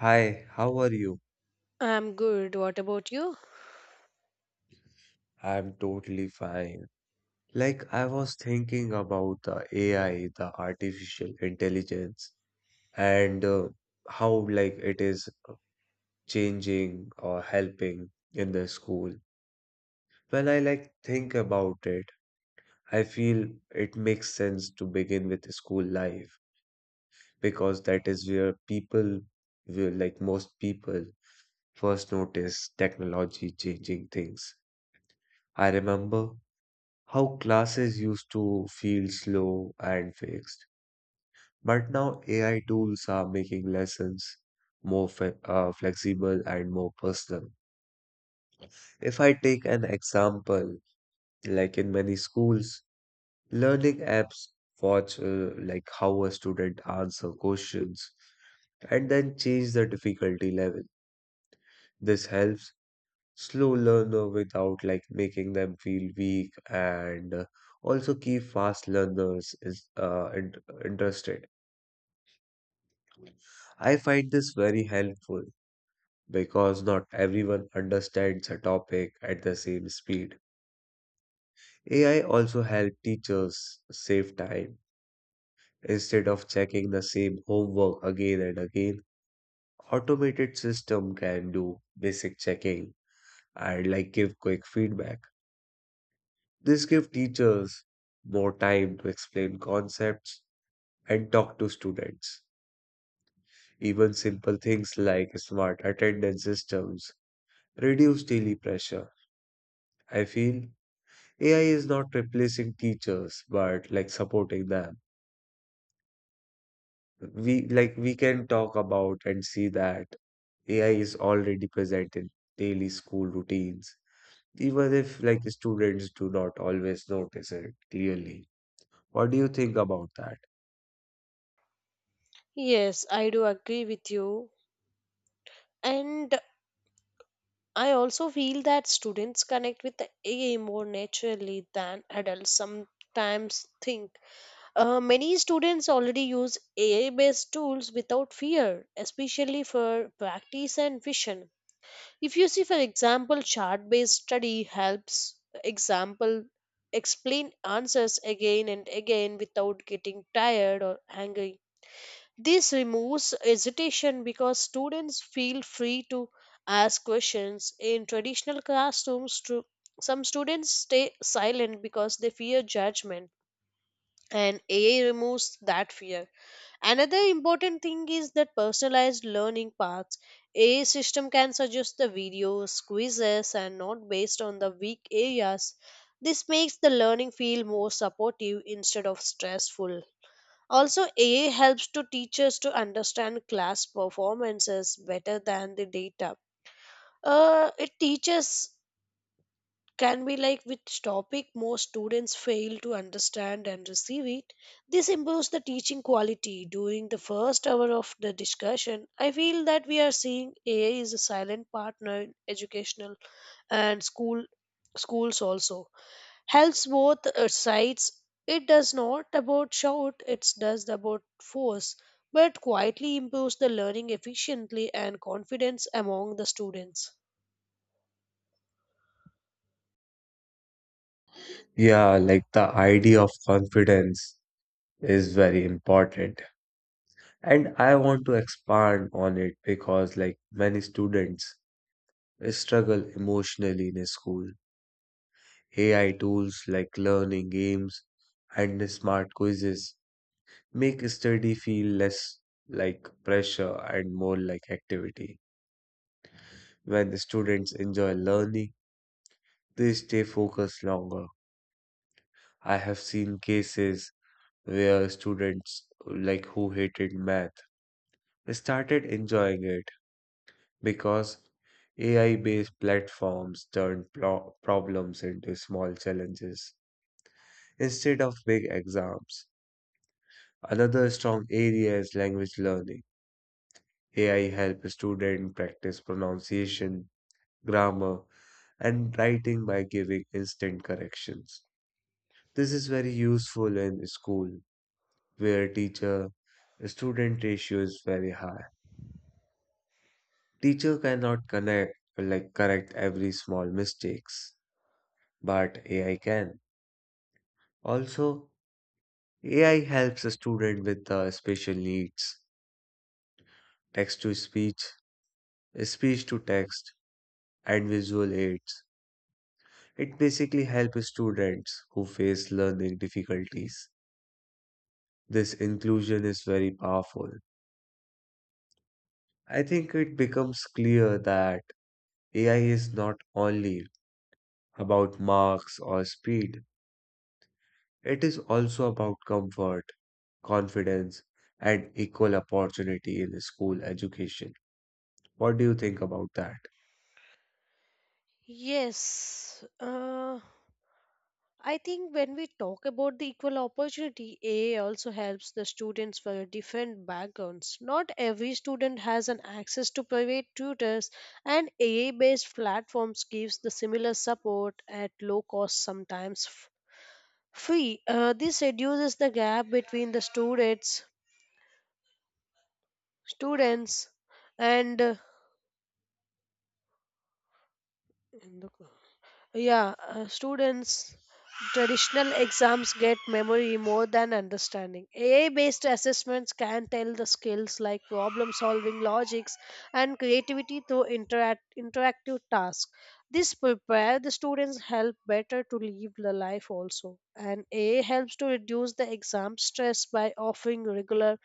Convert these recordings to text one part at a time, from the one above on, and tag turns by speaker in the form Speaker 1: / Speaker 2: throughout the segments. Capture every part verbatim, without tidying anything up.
Speaker 1: Hi, how are you?
Speaker 2: I'm good. What about you?
Speaker 1: I'm totally fine. Like, I was thinking about the A I, the artificial intelligence, and uh, how like it is changing or helping in the school. When I like think about it, I feel it makes sense to begin with school life because that is where people will like most people first notice technology changing things. I remember how classes used to feel slow and fixed, but now A I tools are making lessons more fe uh, flexible and more personal. If I take an example, like in many schools, learning apps watch uh, like how a student answer questions and then change the difficulty level. This helps slow learner without like making them feel weak and uh, also keep fast learners is uh, int- interested. I find this very helpful because not everyone understands a topic at the same speed. A I also help teachers save time. Instead of checking the same homework again and again, automated system can do basic checking and like give quick feedback. This gives teachers more time to explain concepts and talk to students. Even simple things like smart attendance systems reduce daily pressure. I feel A I is not replacing teachers, but like supporting them. We like we can talk about and see that A I is already present in daily school routines, even if like students do not always notice it clearly. What do you think about that?
Speaker 2: Yes, I do agree with you. And I also feel that students connect with the A I more naturally than adults sometimes think. Uh, many students already use A I based tools without fear, especially for practice and vision. If you see, for example, chart based study helps example explain answers again and again without getting tired or angry. This removes hesitation because students feel free to ask questions. In traditional classrooms, stu- some students stay silent because they fear judgment, and A I removes that fear. Another important thing is that personalized learning paths. A I system can suggest the videos, quizzes, and not based on the weak areas. This makes the learning feel more supportive instead of stressful. Also, A I helps to teachers to understand class performances better than the data. Uh, it teaches can be like which topic more students fail to understand and receive it. This improves the teaching quality during the first hour of the discussion. I feel that we are seeing A I is a silent partner in educational and school schools also. Hellsworth recites, it does not about shout, it does about force, but quietly improves the learning efficiently and confidence among the students.
Speaker 1: Yeah, like the idea of confidence is very important. And I want to expand on it because, like many students, struggle emotionally in school. A I tools like learning games and smart quizzes make study feel less like pressure and more like activity. When the students enjoy learning, they stay focused longer. I have seen cases where students like who hated math started enjoying it because A I based platforms turned pro- problems into small challenges instead of big exams. Another strong area is language learning. A I helps students practice pronunciation, grammar, and writing by giving instant corrections. This is very useful in school where teacher student ratio is very high. Teacher cannot connect like correct every small mistakes but A I can. Also, A I helps a student with uh, special needs, text to speech, speech to text, and visual aids. It basically helps students who face learning difficulties. This inclusion is very powerful. I think it becomes clear that A I is not only about marks or speed, it is also about comfort, confidence, and equal opportunity in school education. What do you think about that?
Speaker 2: Yes, uh, I think when we talk about the equal opportunity, A A also helps the students for different backgrounds. Not every student has an access to private tutors, and A A-based platforms gives the similar support at low cost sometimes. Fee. Uh, this reduces the gap between the students, students, and uh, yeah, uh, students. Traditional exams get memory more than understanding. A I based assessments can tell the skills like problem solving, logics, and creativity through interact, interactive tasks. This prepare the students help better to live the life also. And A I helps to reduce the exam stress by offering regular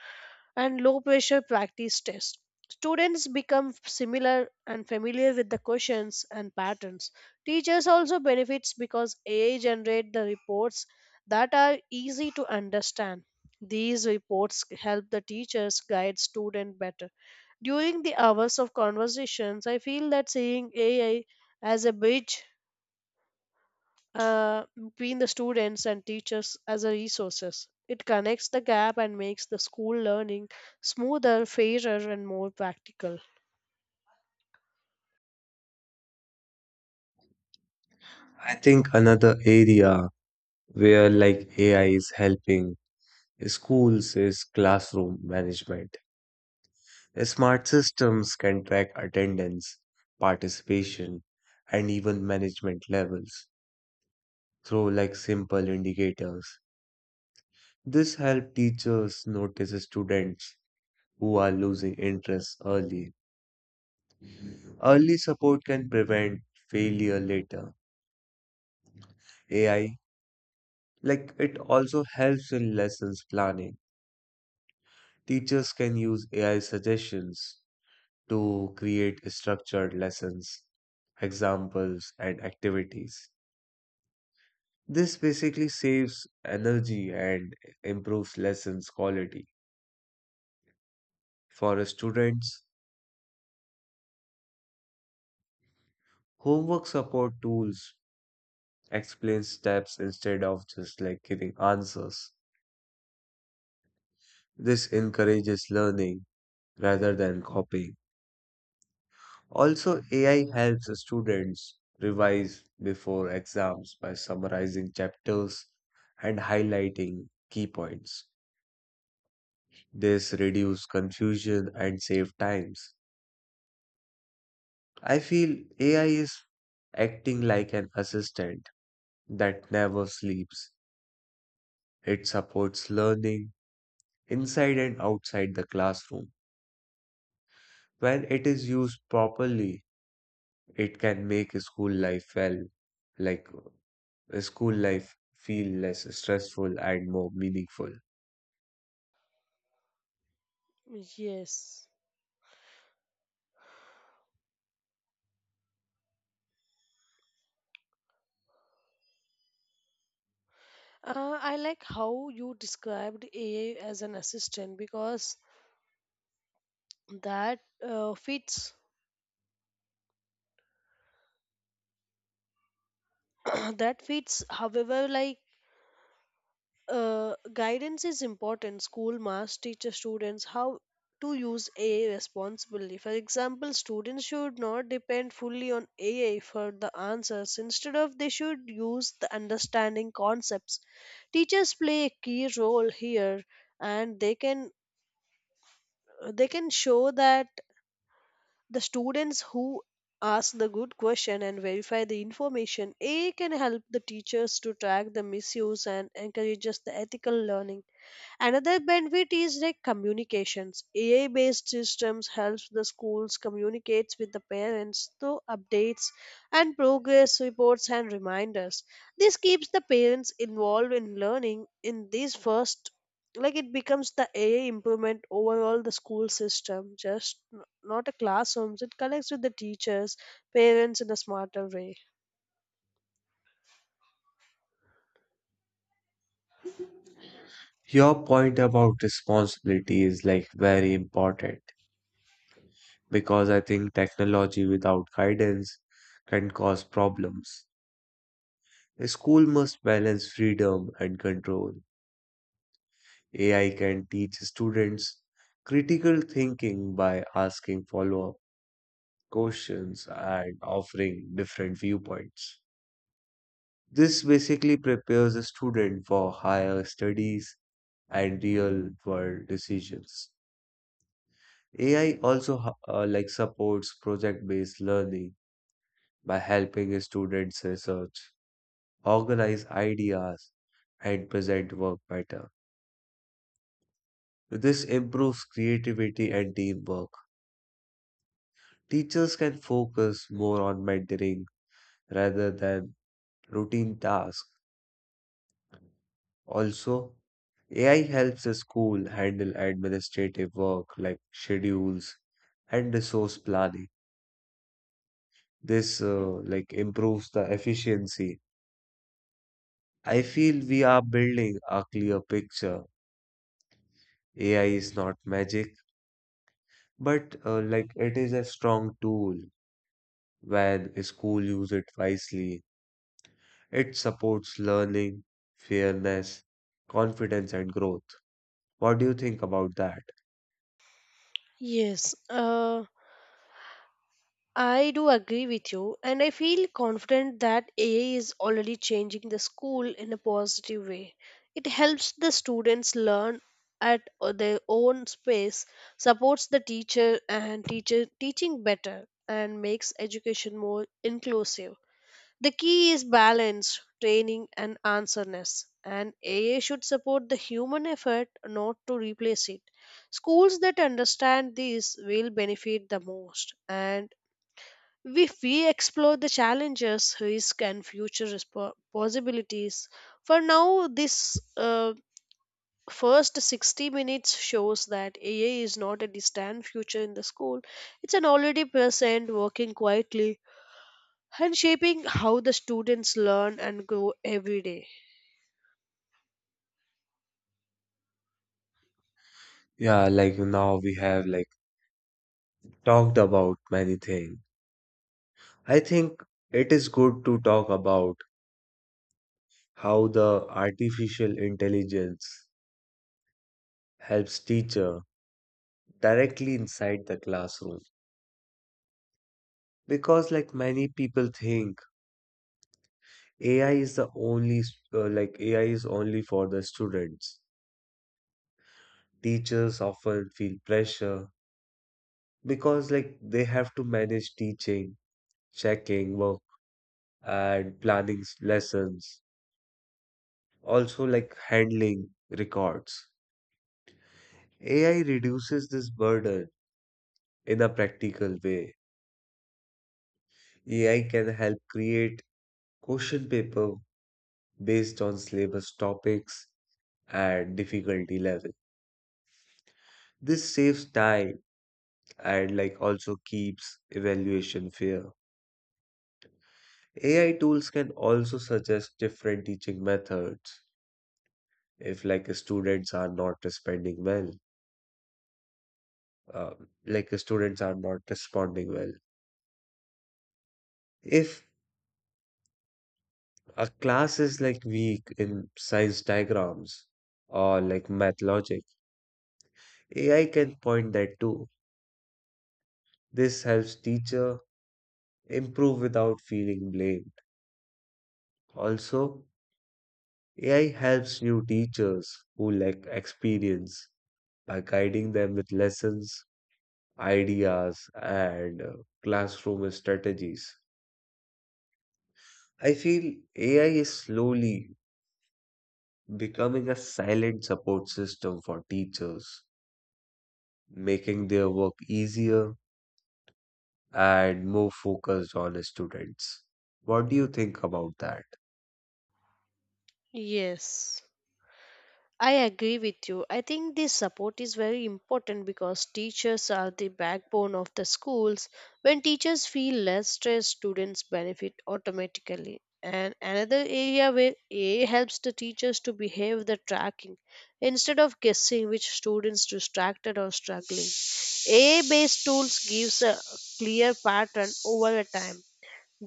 Speaker 2: and low pressure practice tests. Students become similar and familiar with the questions and patterns. Teachers also benefits because A I generate the reports that are easy to understand. These reports help the teachers guide student better. During the hours of conversations, I feel that seeing A I as a bridge, uh, between the students and teachers as a resources. It connects the gap and makes the school learning smoother, fairer, and more practical.
Speaker 1: I think another area where like A I is helping schools is classroom management. Smart systems can track attendance, participation, and even management levels through like simple indicators. This helps teachers notice students who are losing interest early. Early support can prevent failure later. A I, like it also helps in lessons planning. Teachers can use A I suggestions to create structured lessons, examples, and activities. This basically saves energy and improves lessons quality. For students, homework support tools explain steps instead of just like giving answers. This encourages learning rather than copying. Also, A I helps students revise before exams by summarizing chapters and highlighting key points. This reduces confusion and saves times. I feel A I is acting like an assistant that never sleeps. It supports learning inside and outside the classroom. When it is used properly, it can make school life well like school life feel less stressful and more meaningful.
Speaker 2: Yes. Uh, I like how you described A I as an assistant because that uh, fits that fits, however, like uh, guidance is important. School must teach the students how to use A I responsibly. For example, students should not depend fully on A I for the answers. Instead of, they should use the understanding concepts. Teachers play a key role here, and they can they can show that the students who ask the good question and verify the information. A I can help the teachers to track the misuse and encourages the ethical learning. Another benefit is like communications. A I-based systems helps the schools communicates with the parents through updates and progress reports and reminders. This keeps the parents involved in learning in these first, like it becomes the A I improvement overall the school system, just n- not a classrooms. It connects with the teachers, parents in a smarter way.
Speaker 1: Your point about responsibility is like very important because I think technology without guidance can cause problems. A school must balance freedom and control. A I can teach students critical thinking by asking follow-up questions and offering different viewpoints. This basically prepares a student for higher studies and real world decisions. A I also ho- uh, like supports project based learning by helping students research, organize ideas, and present work better. This improves creativity and teamwork. Teachers can focus more on mentoring rather than routine tasks. Also, A I helps the school handle administrative work like schedules and resource planning. This uh, like improves the efficiency. I feel we are building a clear picture. A I is not magic, but uh, like it is a strong tool when a school use it wisely. It supports learning, fairness, confidence, and growth. What do you think about that?
Speaker 2: Yes, uh, I do agree with you, and I feel confident that A I is already changing the school in a positive way. It helps the students learn at their own pace, supports the teacher and teacher teaching better, and makes education more inclusive. The key is balance, training, and answerness, and A I should support the human effort, not to replace it. Schools that understand this will benefit the most, and if we explore the challenges, risk, and future respo- possibilities, for now, this, uh, first sixty minutes shows that A I is not a distant future in the school, it's an already present working quietly and shaping how the students learn and grow every day.
Speaker 1: Yeah, like now we have like talked about many things. I think it is good to talk about how the artificial intelligence helps teacher directly inside the classroom because like many people think ai is the only s- uh, like A I is only for the students. Teachers often feel pressure because like they have to manage teaching, checking work, and planning s- lessons, also like handling records. A I reduces this burden in a practical way. A I can help create question paper based on syllabus topics and difficulty level. This saves time and like also keeps evaluation fair. A I tools can also suggest different teaching methods if like students are not responding well, uh, like students are not responding well. If a class is like weak in science diagrams or like math logic, A I can point that too. This helps teacher improve without feeling blamed. Also, A I helps new teachers who lack experience by guiding them with lessons, ideas, and uh, classroom strategies. I feel A I is slowly becoming a silent support system for teachers, making their work easier and more focused on students. What do you think about that?
Speaker 2: Yes. I agree with you. I think this support is very important because teachers are the backbone of the schools. When teachers feel less stress, students benefit automatically. And another area where A helps the teachers to behave the tracking instead of guessing which students distracted or struggling. A based tools gives a clear pattern over a time.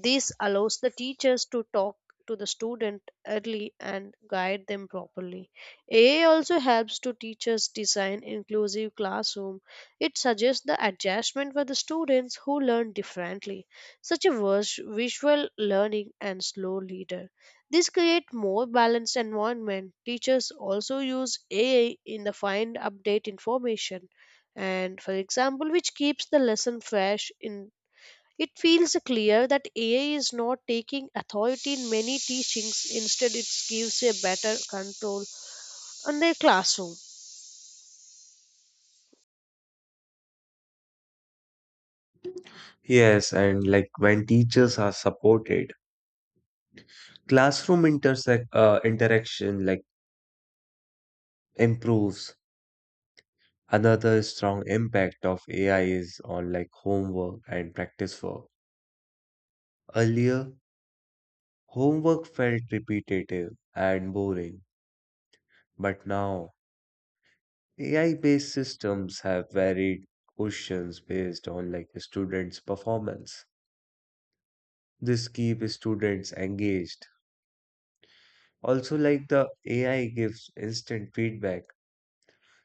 Speaker 2: This allows the teachers to talk to the student early and guide them properly. A I also helps to teachers design inclusive classroom. It suggests the adjustment for the students who learn differently, such as vis- visual learning and slow leader. This create more balanced environment. Teachers also use A I in the find update information and for example which keeps the lesson fresh in. It feels clear that A I is not taking authority in many teachings, instead, it gives a better control on their classroom.
Speaker 1: Yes, and like when teachers are supported, classroom intersect uh, interaction like improves. Another strong impact of A I is on like homework and practice work. Earlier, homework felt repetitive and boring, but now A I-based systems have varied questions based on like the students' performance. This keeps students engaged. Also, like the A I gives instant feedback,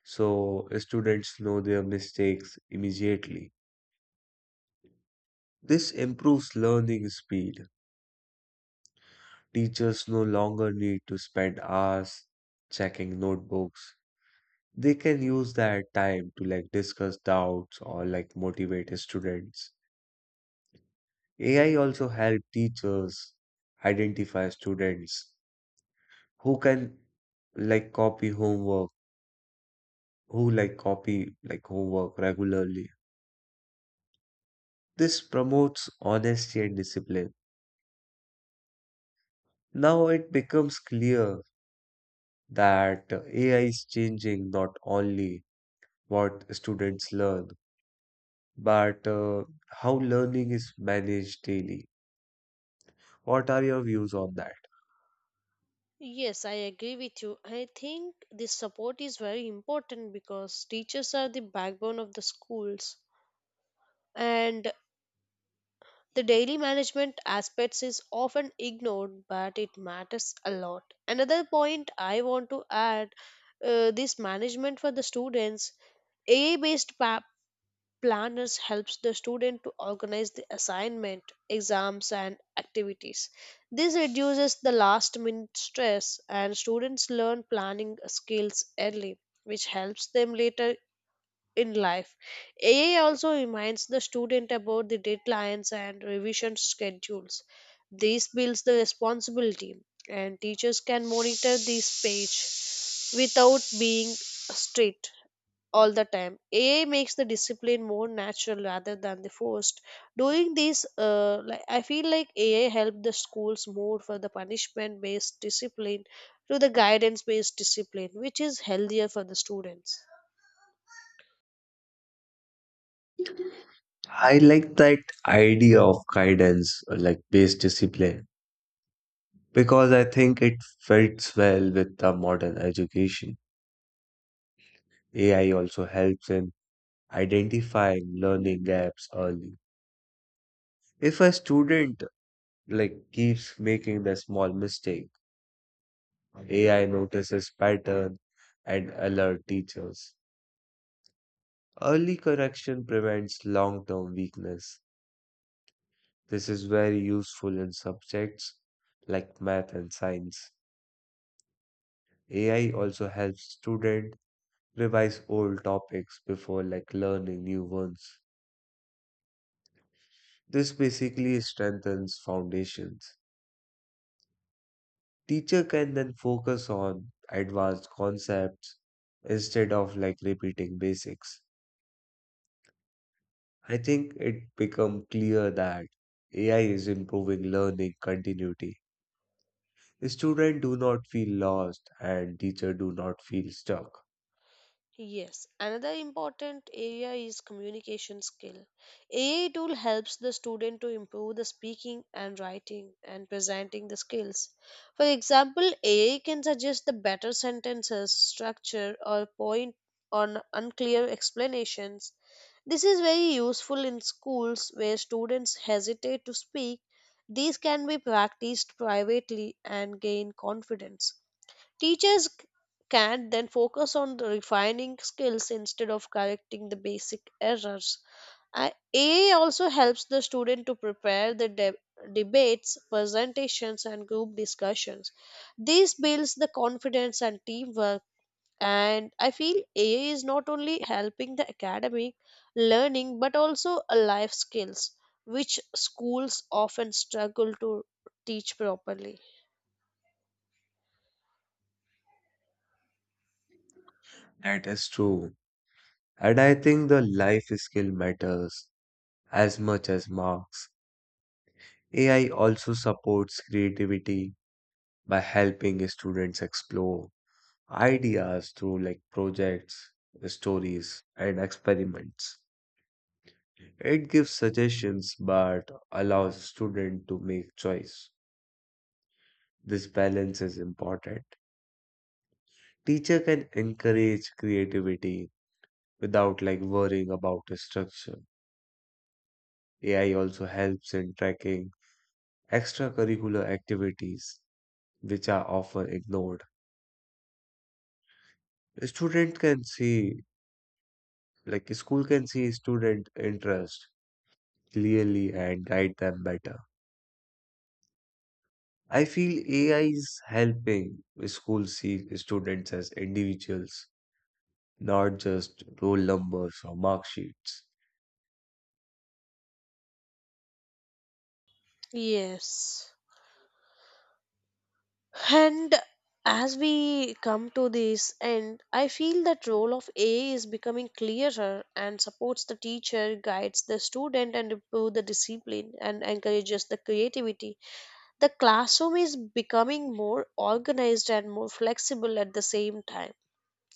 Speaker 1: so students know their mistakes immediately. This improves learning speed. Teachers no longer need to spend hours checking notebooks. They can use that time to like discuss doubts or like motivate students. A I also help teachers identify students who can like copy homework, who like copy like homework regularly. This promotes honesty and discipline. Now it becomes clear that A I is changing not only what students learn but uh, how learning is managed daily. What are your views on that?
Speaker 2: Yes, I agree with you. I think this support is very important because teachers are the backbone of the schools and the daily management aspects is often ignored but it matters a lot. Another point I want to add, uh, this management for the students. A I based Planners helps the student to organize the assignment, exams and activities. This reduces the last minute stress and students learn planning skills early, which helps them later in life. A A also reminds the student about the deadlines and revision schedules. This builds the responsibility and teachers can monitor this page without being strict all the time. A I makes the discipline more natural rather than the forced. Doing this, uh, like I feel like A I helped the schools more for the punishment-based discipline to the guidance-based discipline, which is healthier for the students.
Speaker 1: I like that idea of guidance, uh, like based discipline, because I think it fits well with the modern education. A I also helps in identifying learning gaps early. If a student like keeps making the small mistake, A I notices pattern and alert teachers. Early correction prevents long-term weakness. This is very useful in subjects like math and science. A I also helps students revise old topics before like learning new ones. This basically strengthens foundations. Teacher can then focus on advanced concepts instead of like repeating basics. I think it become clear that A I is improving learning continuity. Students do not feel lost and teacher do not feel stuck.
Speaker 2: Yes, another important area is communication skill. A I tool helps the student to improve the speaking and writing and presenting the skills. For example, A I can suggest the better sentences, structure or point on unclear explanations. This is very useful in schools where students hesitate to speak. These can be practiced privately and gain confidence. Teachers c- can then focus on the refining skills instead of correcting the basic errors. A- AI also helps the student to prepare the de- debates, presentations, and group discussions. This builds the confidence and teamwork. And I feel A I is not only helping the academic learning but also a life skills, which schools often struggle to teach properly.
Speaker 1: That is true. And I think the life skill matters as much as marks. A I also supports creativity by helping students explore ideas through like projects, stories, and experiments. It gives suggestions but allows students to make choice. This balance is important. Teacher can encourage creativity without like worrying about the structure. A I also helps in tracking extracurricular activities which are often ignored. A student can see, like school can see student interest clearly and guide them better. I feel A I is helping school see students as individuals, not just roll numbers or mark sheets.
Speaker 2: Yes. And as we come to this end, I feel that role of A I is becoming clearer and supports the teacher, guides the student, and improve the discipline and encourages the creativity. The classroom is becoming more organized and more flexible at the same time.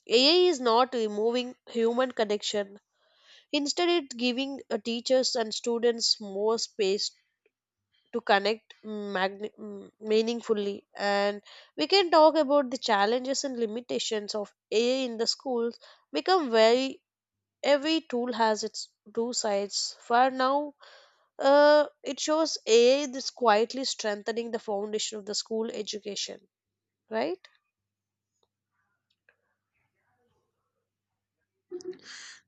Speaker 2: A I is not removing human connection. Instead, it's giving, uh, teachers and students more space to connect mm, magni- mm, meaningfully. And we can talk about the challenges and limitations of AI in the schools become very. Every tool has its two sides. For now, uh, it shows AI is quietly strengthening the foundation of the school education, right?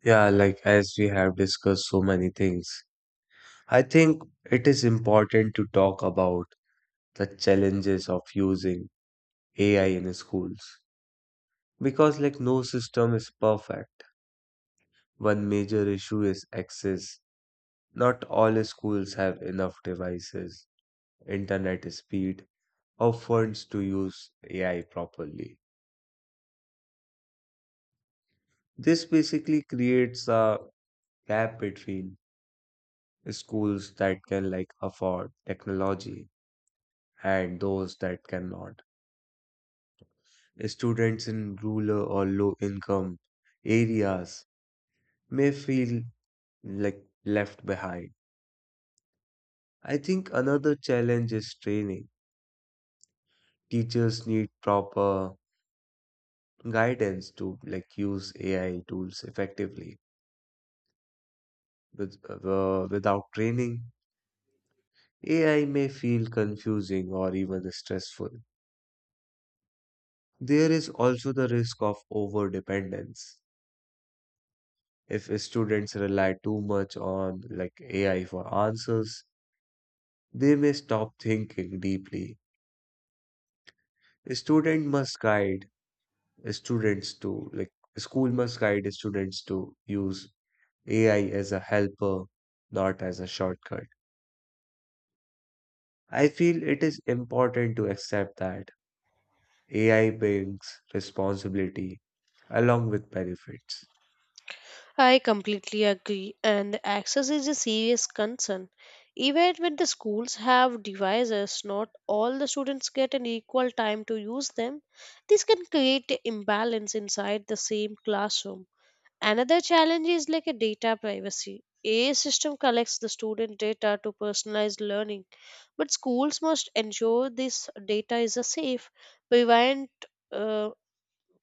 Speaker 1: Yeah, like as we have discussed so many things, I think it is important to talk about the challenges of using A I in schools. Because like no system is perfect. One major issue is access. Not all schools have enough devices, internet speed, or funds to use A I properly. This basically creates a gap between schools that can like afford technology and those that cannot. Students in rural or low income areas may feel like left behind. I think another challenge is training. Teachers need proper guidance to like use A I tools effectively. With, uh, without training, A I may feel confusing or even stressful. There is also the risk of over dependence. If students rely too much on like A I for answers, they may stop thinking deeply. A student must guide students to like school must guide students to use A I as a helper, not as a shortcut. I feel it is important to accept that A I brings responsibility along with benefits.
Speaker 2: I completely agree, and the access is a serious concern. Even when the schools have devices, not all the students get an equal time to use them. This can create an imbalance inside the same classroom. Another challenge is like a data privacy. A system collects the student data to personalize learning, but schools must ensure this data is a safe, prevent, uh,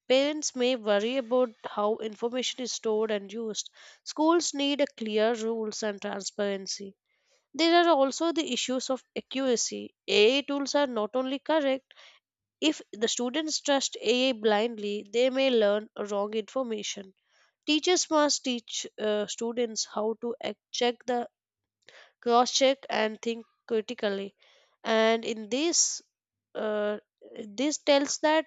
Speaker 2: parents may worry about how information is stored and used. Schools need a clear rules and transparency. There are also the issues of accuracy. A I tools are not only correct, if the students trust A I blindly, they may learn wrong information. Teachers must teach, uh, students how to ac- check the cross check and think critically. And in this, uh, this tells that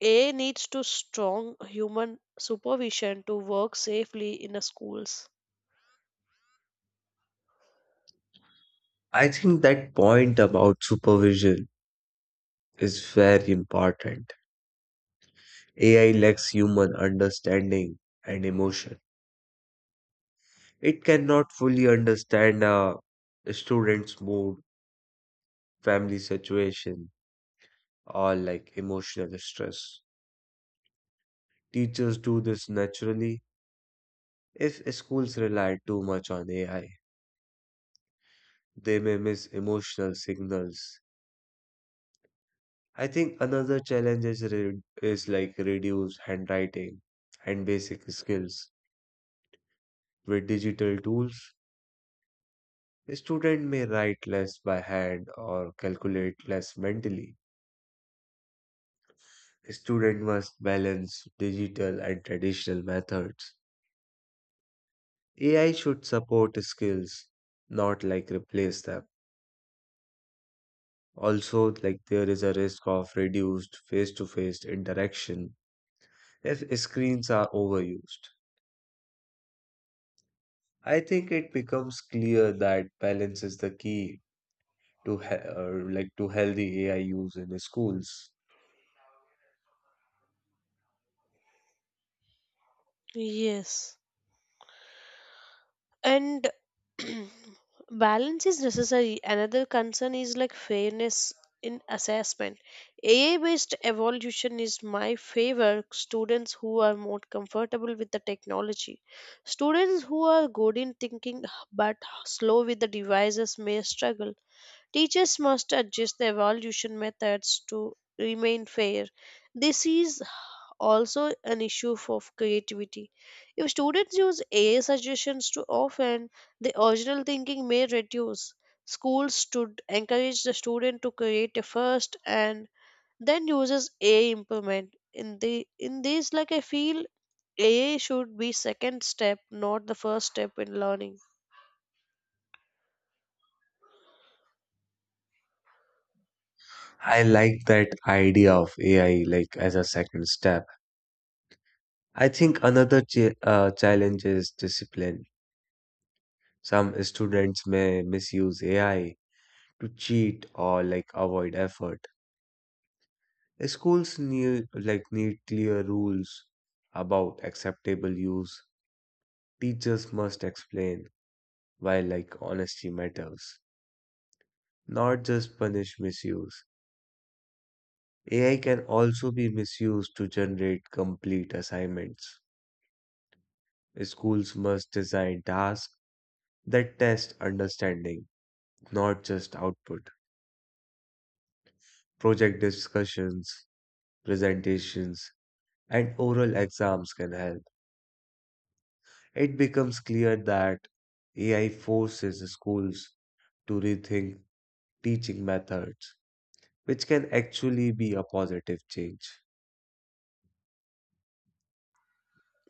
Speaker 2: a needs to strong human supervision to work safely in the schools.
Speaker 1: I think that point about supervision is very important. A I lacks human understanding and emotion. It cannot fully understand a student's mood, family situation, or like emotional stress. Teachers do this naturally. If schools rely too much on A I, they may miss emotional signals. I think another challenge is, re- is like reduced handwriting and basic skills. With digital tools, a student may write less by hand or calculate less mentally. A student must balance digital and traditional methods. A I should support skills, not like replace them. Also, like there is a risk of reduced face-to-face interaction if screens are overused. I think it becomes clear that balance is the key to he- or like to healthy A I use in schools.
Speaker 2: Yes. And balance is necessary. Another concern is like fairness in assessment. A I based evolution is my favor students who are more comfortable with the technology. Students who are good in thinking but slow with the devices may struggle. Teachers must adjust the evaluation methods to remain fair. This is also an issue of creativity. If students use A I suggestions too often, the original thinking may reduce. Schools should encourage the student to create a first and then uses A I implement. In the in this, like I feel A I should be second step, not the first step in learning.
Speaker 1: I like that idea of A I like as a second step. I think another ch- uh, challenge is discipline. Some students may misuse A I to cheat or like avoid effort. Schools need like need clear rules about acceptable use. Teachers must explain while like honesty matters, not just punish misuse. A I can also be misused to generate complete assignments. Schools must design tasks that test understanding, not just output. Project discussions, presentations, and oral exams can help. It becomes clear that A I forces schools to rethink teaching methods, which can actually be a positive change.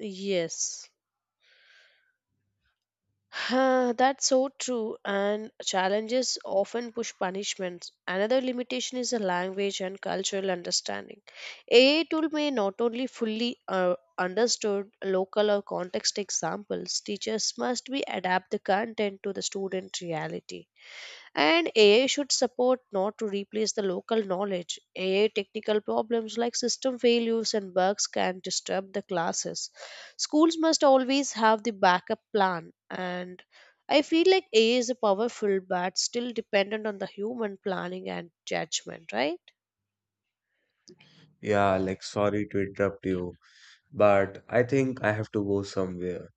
Speaker 2: Yes. That's so true, and challenges often push punishments. Another limitation is the language and cultural understanding. A I tool may not only fully, uh, understood local or context examples, teachers must be adapt the content to the student reality. And A I should support not to replace the local knowledge. A I technical problems like system failures and bugs can disturb the classes. Schools must always have the backup plan and I feel like A I is a powerful but still dependent on the human planning and judgment, right?
Speaker 1: Yeah, like sorry to interrupt you, but I think I have to go somewhere.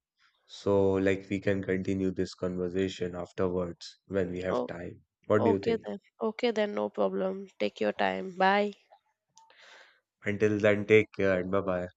Speaker 1: So, like, we can continue this conversation afterwards when we have
Speaker 2: Oh,
Speaker 1: time. What do you
Speaker 2: okay
Speaker 1: think?
Speaker 2: then. Okay then, no problem. Take your time. Bye.
Speaker 1: Until then, take care and bye bye.